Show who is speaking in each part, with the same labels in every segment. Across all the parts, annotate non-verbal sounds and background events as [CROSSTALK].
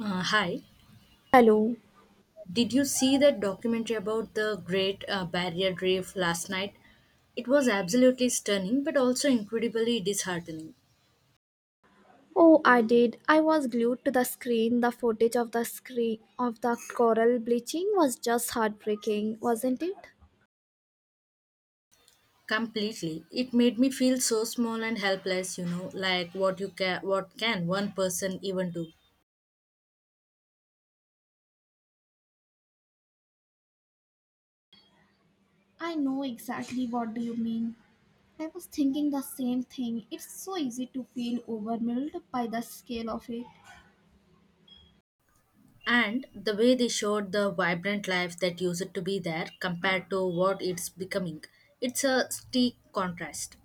Speaker 1: Hi.
Speaker 2: Hello.
Speaker 1: Did you see that documentary about the Great Barrier Reef last night? It was absolutely stunning, but also incredibly disheartening.
Speaker 2: Oh, I did. I was glued to the screen. The footage of the screen of the coral bleaching was just heartbreaking, wasn't it?
Speaker 1: Completely. It made me feel so small and helpless, you know, like what can one person even do?
Speaker 2: I know exactly what do you mean. I was thinking the same thing. It's so easy to feel overwhelmed by the scale of it.
Speaker 1: And the way they showed the vibrant life that used to be there compared to what it's becoming, it's a stark contrast.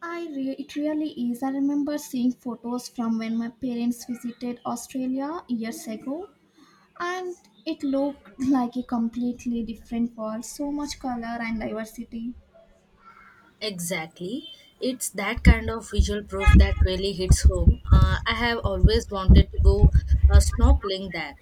Speaker 2: It really is. I remember seeing photos from when my parents visited Australia years ago, and it looked like a completely different world. So much color and diversity.
Speaker 1: Exactly. It's that kind of visual proof that really hits home. I have always wanted to go snorkeling there.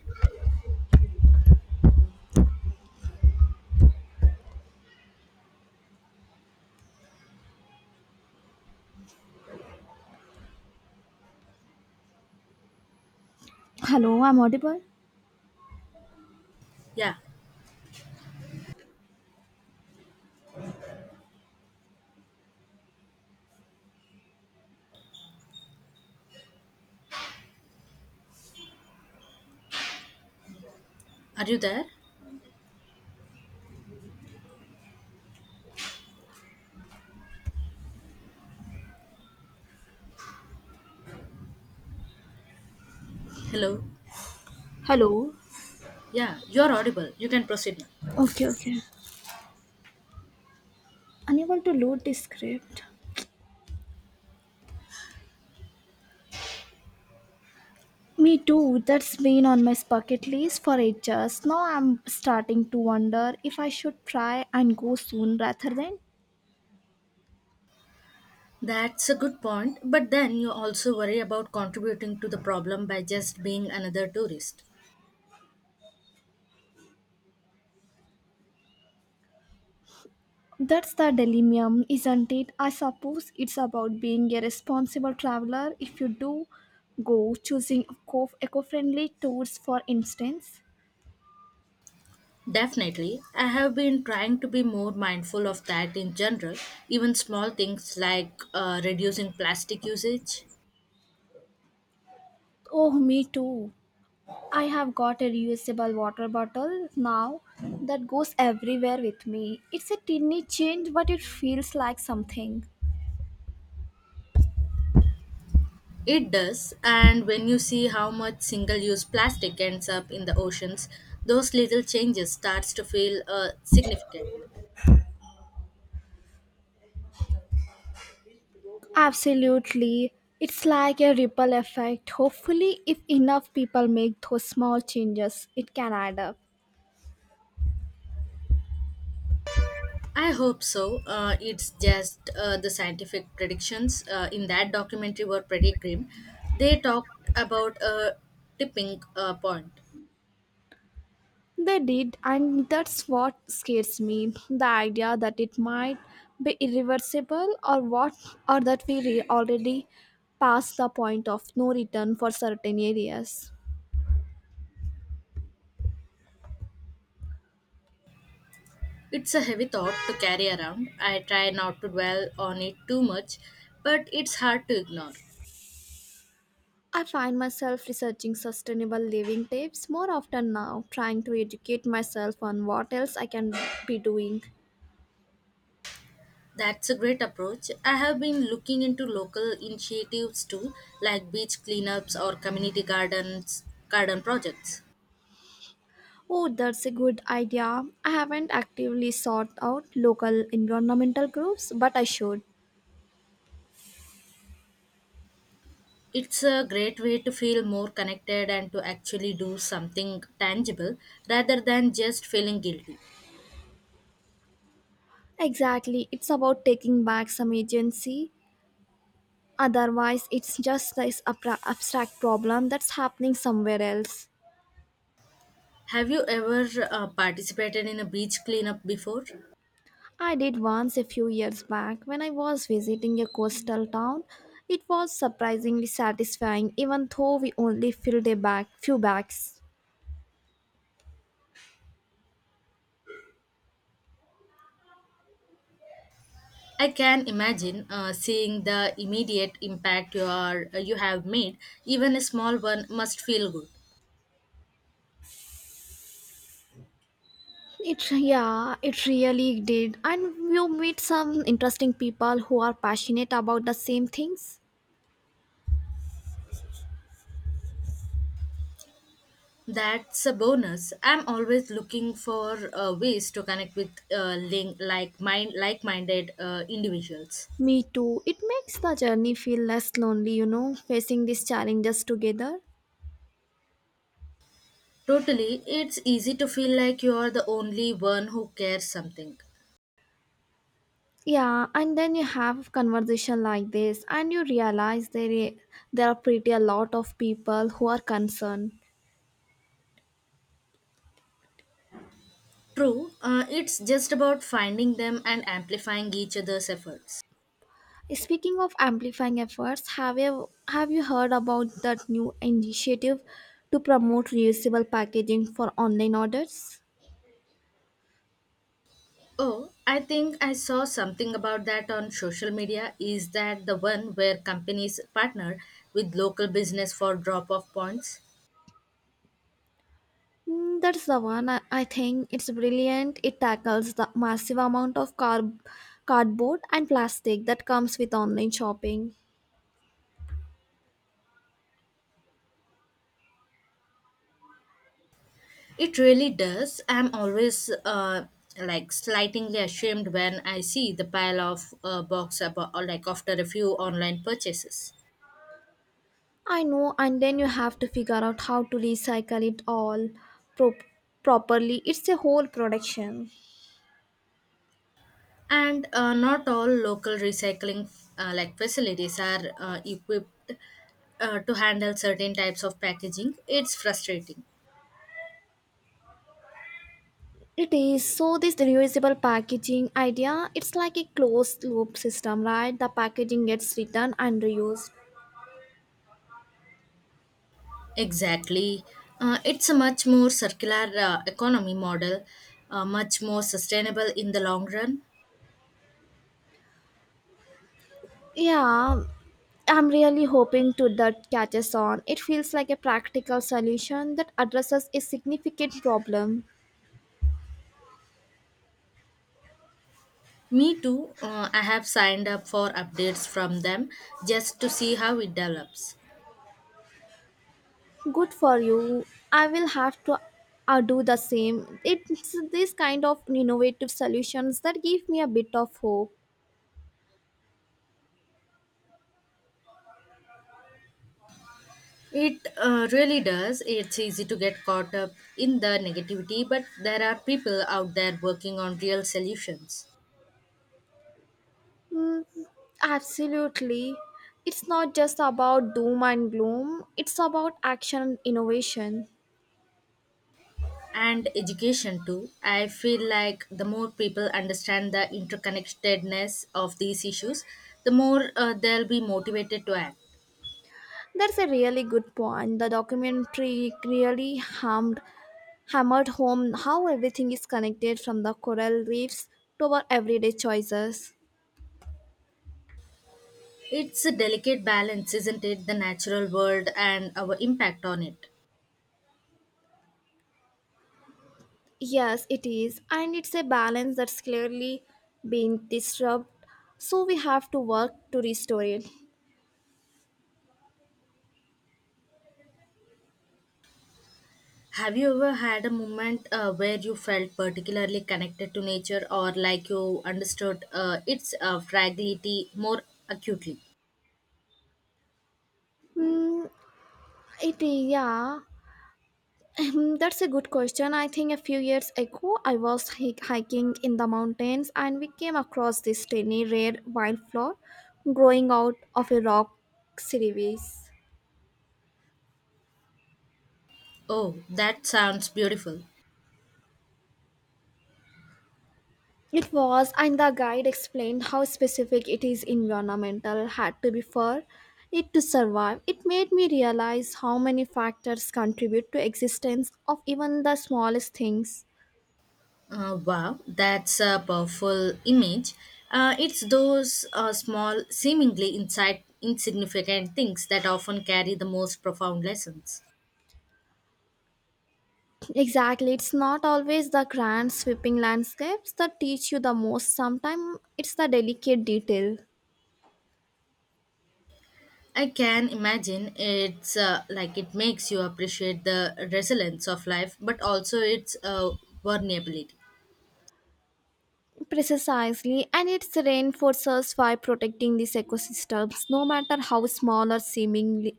Speaker 2: Hello, I'm audible.
Speaker 1: Yeah. Are you there? Hello?
Speaker 2: Hello.
Speaker 1: Yeah, you're audible. You can proceed now.
Speaker 2: Okay, okay. Unable to load this script. Me too. That's been on my bucket list for ages. Now I'm starting to wonder if I should try and go soon rather than.
Speaker 1: That's a good point, but then you also worry about contributing to the problem by just being another tourist.
Speaker 2: That's the dilemma, isn't it? I suppose it's about being a responsible traveler if you do go, choosing eco-friendly tours, for instance.
Speaker 1: Definitely, I have been trying to be more mindful of that in general, even small things like reducing plastic usage.
Speaker 2: Oh, me too. I have got a reusable water bottle now that goes everywhere with me. It's a tiny change, but it feels like something.
Speaker 1: It does, and when you see how much single-use plastic ends up in the oceans, those little changes starts to feel significant.
Speaker 2: Absolutely. It's like a ripple effect. Hopefully, if enough people make those small changes, it can add up.
Speaker 1: I hope so. It's just the scientific predictions in that documentary were pretty grim. They talked about a tipping point.
Speaker 2: They did, and that's what scares me. The idea that it might be irreversible or what or that already passed the point of no return for certain areas.
Speaker 1: It's a heavy thought to carry around. I try not to dwell on it too much, but it's hard to ignore.
Speaker 2: I find myself researching sustainable living tips more often now, trying to educate myself on what else I can be doing.
Speaker 1: That's a great approach. I have been looking into local initiatives too, like beach cleanups or community garden projects.
Speaker 2: Oh, that's a good idea. I haven't actively sought out local environmental groups, but I should.
Speaker 1: It's a great way to feel more connected and to actually do something tangible rather than just feeling guilty.
Speaker 2: Exactly, it's about taking back some agency. Otherwise, it's just this abstract problem that's happening somewhere else.
Speaker 1: Have you ever participated in a beach cleanup before?
Speaker 2: I did once a few years back when I was visiting a coastal town. It was surprisingly satisfying, even though we only filled few bags.
Speaker 1: I can imagine seeing the immediate impact you have made. Even a small one must feel good.
Speaker 2: It, yeah, it really did, and you meet some interesting people who are passionate about the same things.
Speaker 1: That's a bonus. I'm always looking for ways to connect with link, like mind like-minded individuals.
Speaker 2: Me too. It makes the journey feel less lonely, you know, facing these challenges together.
Speaker 1: Totally, it's easy to feel like you are the only one who cares something.
Speaker 2: Yeah, and then you have conversation like this, and you realize there are pretty a lot of people who are concerned.
Speaker 1: True, it's just about finding them and amplifying each other's efforts.
Speaker 2: Speaking of amplifying efforts, have you heard about that new initiative to promote reusable packaging for online orders?
Speaker 1: Oh, I think I saw something about that on social media. Is that the one where companies partner with local business for drop-off points?
Speaker 2: Mm, that's the one. I think it's brilliant. It tackles the massive amount of cardboard and plastic that comes with online shopping.
Speaker 1: It really does. I'm always like slightly ashamed when I see the pile of box about, or like after a few online purchases.
Speaker 2: I know, and then you have to figure out how to recycle it all pro- properly. It's a whole production.
Speaker 1: And not all local recycling like facilities are equipped to handle certain types of packaging. It's frustrating.
Speaker 2: It is. So this reusable packaging idea, it's like a closed loop system, right? The packaging gets returned and reused.
Speaker 1: Exactly. It's a much more circular economy model, much more sustainable in the long run.
Speaker 2: Yeah, I'm really hoping to that catches on. It feels like a practical solution that addresses a significant problem.
Speaker 1: Me too, I have signed up for updates from them just to see how it develops.
Speaker 2: Good for you. I will have to do the same. It's this kind of innovative solutions that give me a bit of hope.
Speaker 1: It really does. It's easy to get caught up in the negativity, but there are people out there working on real solutions.
Speaker 2: Mm, absolutely. It's not just about doom and gloom, it's about action and innovation.
Speaker 1: And education too. I feel like the more people understand the interconnectedness of these issues, the more they'll be motivated to act.
Speaker 2: That's a really good point. The documentary really hammered home how everything is connected from the coral reefs to our everyday choices.
Speaker 1: It's a delicate balance, isn't it? The natural world and our impact on it.
Speaker 2: Yes, it is, and it's a balance that's clearly being disrupted, so we have to work to restore it.
Speaker 1: Have you ever had a moment where you felt particularly connected to nature or like you understood its fragility more acutely?
Speaker 2: Mm, it is, yeah. Hmm, that's a good question. I think a few years ago, I was hiking in the mountains and we came across this tiny red wildflower growing out of a rock crevice.
Speaker 1: Oh, that sounds beautiful.
Speaker 2: It was, and the guide explained how specific it is environmental had to be for it to survive. It made me realize how many factors contribute to existence of even the smallest things.
Speaker 1: Wow, that's a powerful image. It's those small, insignificant things that often carry the most profound lessons.
Speaker 2: Exactly. It's not always the grand sweeping landscapes that teach you the most. Sometimes it's the delicate detail.
Speaker 1: I can imagine it's like it makes you appreciate the resilience of life, but also its vulnerability.
Speaker 2: Precisely. And it reinforces why protecting these ecosystems, no matter how small or seemingly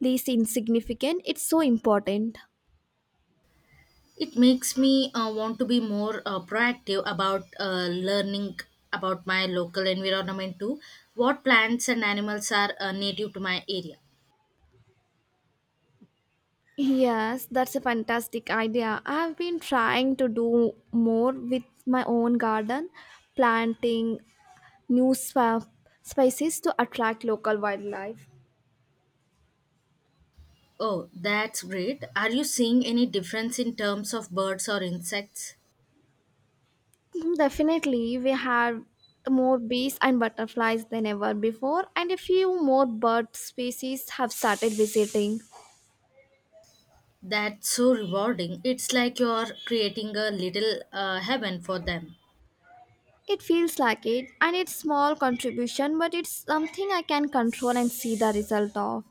Speaker 2: least insignificant, it's so important.
Speaker 1: It makes me want to be more proactive about learning about my local environment too. What plants and animals are native to my area?
Speaker 2: Yes, that's a fantastic idea. I've been trying to do more with my own garden, planting new swa- species to attract local wildlife.
Speaker 1: Oh, that's great. Are you seeing any difference in terms of birds or insects?
Speaker 2: Definitely, we have more bees and butterflies than ever before, and a few more bird species have started visiting.
Speaker 1: That's so rewarding. It's like you're creating a little heaven for them.
Speaker 2: It feels like it, and it's small contribution, but it's something I can control and see the result of.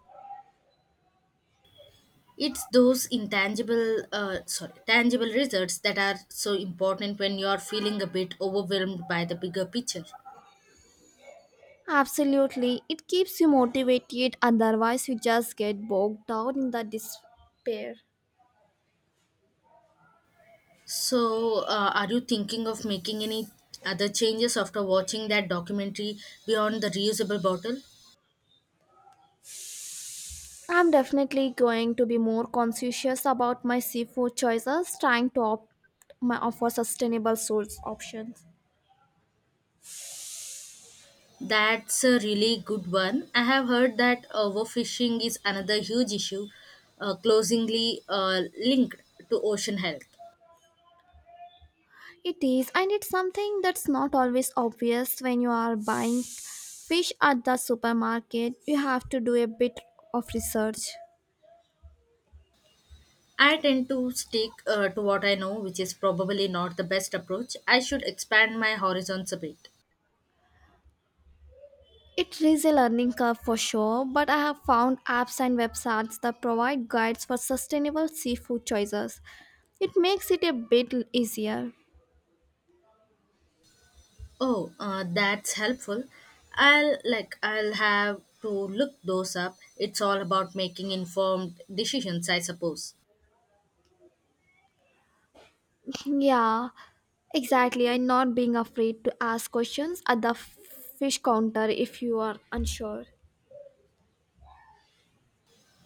Speaker 1: It's those tangible results that are so important when you're feeling a bit overwhelmed by the bigger picture.
Speaker 2: Absolutely, it keeps you motivated. Otherwise, you just get bogged down in the despair.
Speaker 1: So, are you thinking of making any other changes after watching that documentary beyond the reusable bottle?
Speaker 2: I'm definitely going to be more conscientious about my seafood choices, trying to for sustainable source options.
Speaker 1: That's a really good one. I have heard that overfishing is another huge issue, closingly linked to ocean health.
Speaker 2: It is, and it's something that's not always obvious when you are buying fish at the supermarket. You have to do a bit of research.
Speaker 1: I tend to stick to what I know, which is probably not the best approach. I should expand my horizons a bit.
Speaker 2: It is a learning curve for sure, but I have found apps and websites that provide guides for sustainable seafood choices. It makes it a bit easier. [LAUGHS]
Speaker 1: Oh, that's helpful. I'll have to look those up. It's all about making informed decisions, I suppose.
Speaker 2: Yeah, exactly. And not being afraid to ask questions at the fish counter if you are unsure.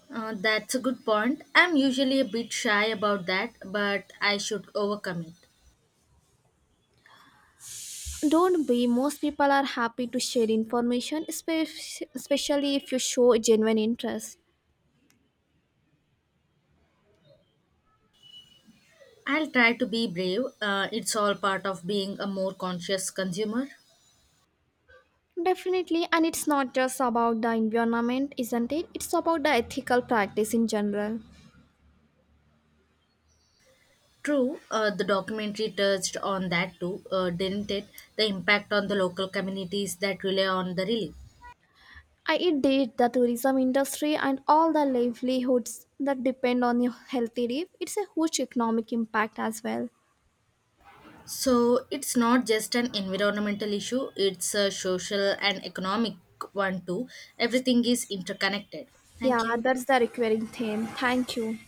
Speaker 1: That's a good point. I'm usually a bit shy about that, but I should overcome it.
Speaker 2: Don't be, most people are happy to share information, especially if you show genuine interest.
Speaker 1: I'll try to be brave. It's all part of being a more conscious consumer.
Speaker 2: Definitely, and it's not just about the environment, isn't it? It's about the ethical practice in general.
Speaker 1: True, the documentary touched on that too, didn't it? The impact on the local communities that rely on the relief.
Speaker 2: I it did the tourism industry and all the livelihoods that depend on your healthy reef. It's a huge economic impact as well.
Speaker 1: So it's not just an environmental issue, it's a social and economic one too. Everything is interconnected. Thank
Speaker 2: Yeah,
Speaker 1: you.
Speaker 2: that's the recurring theme. Thank you.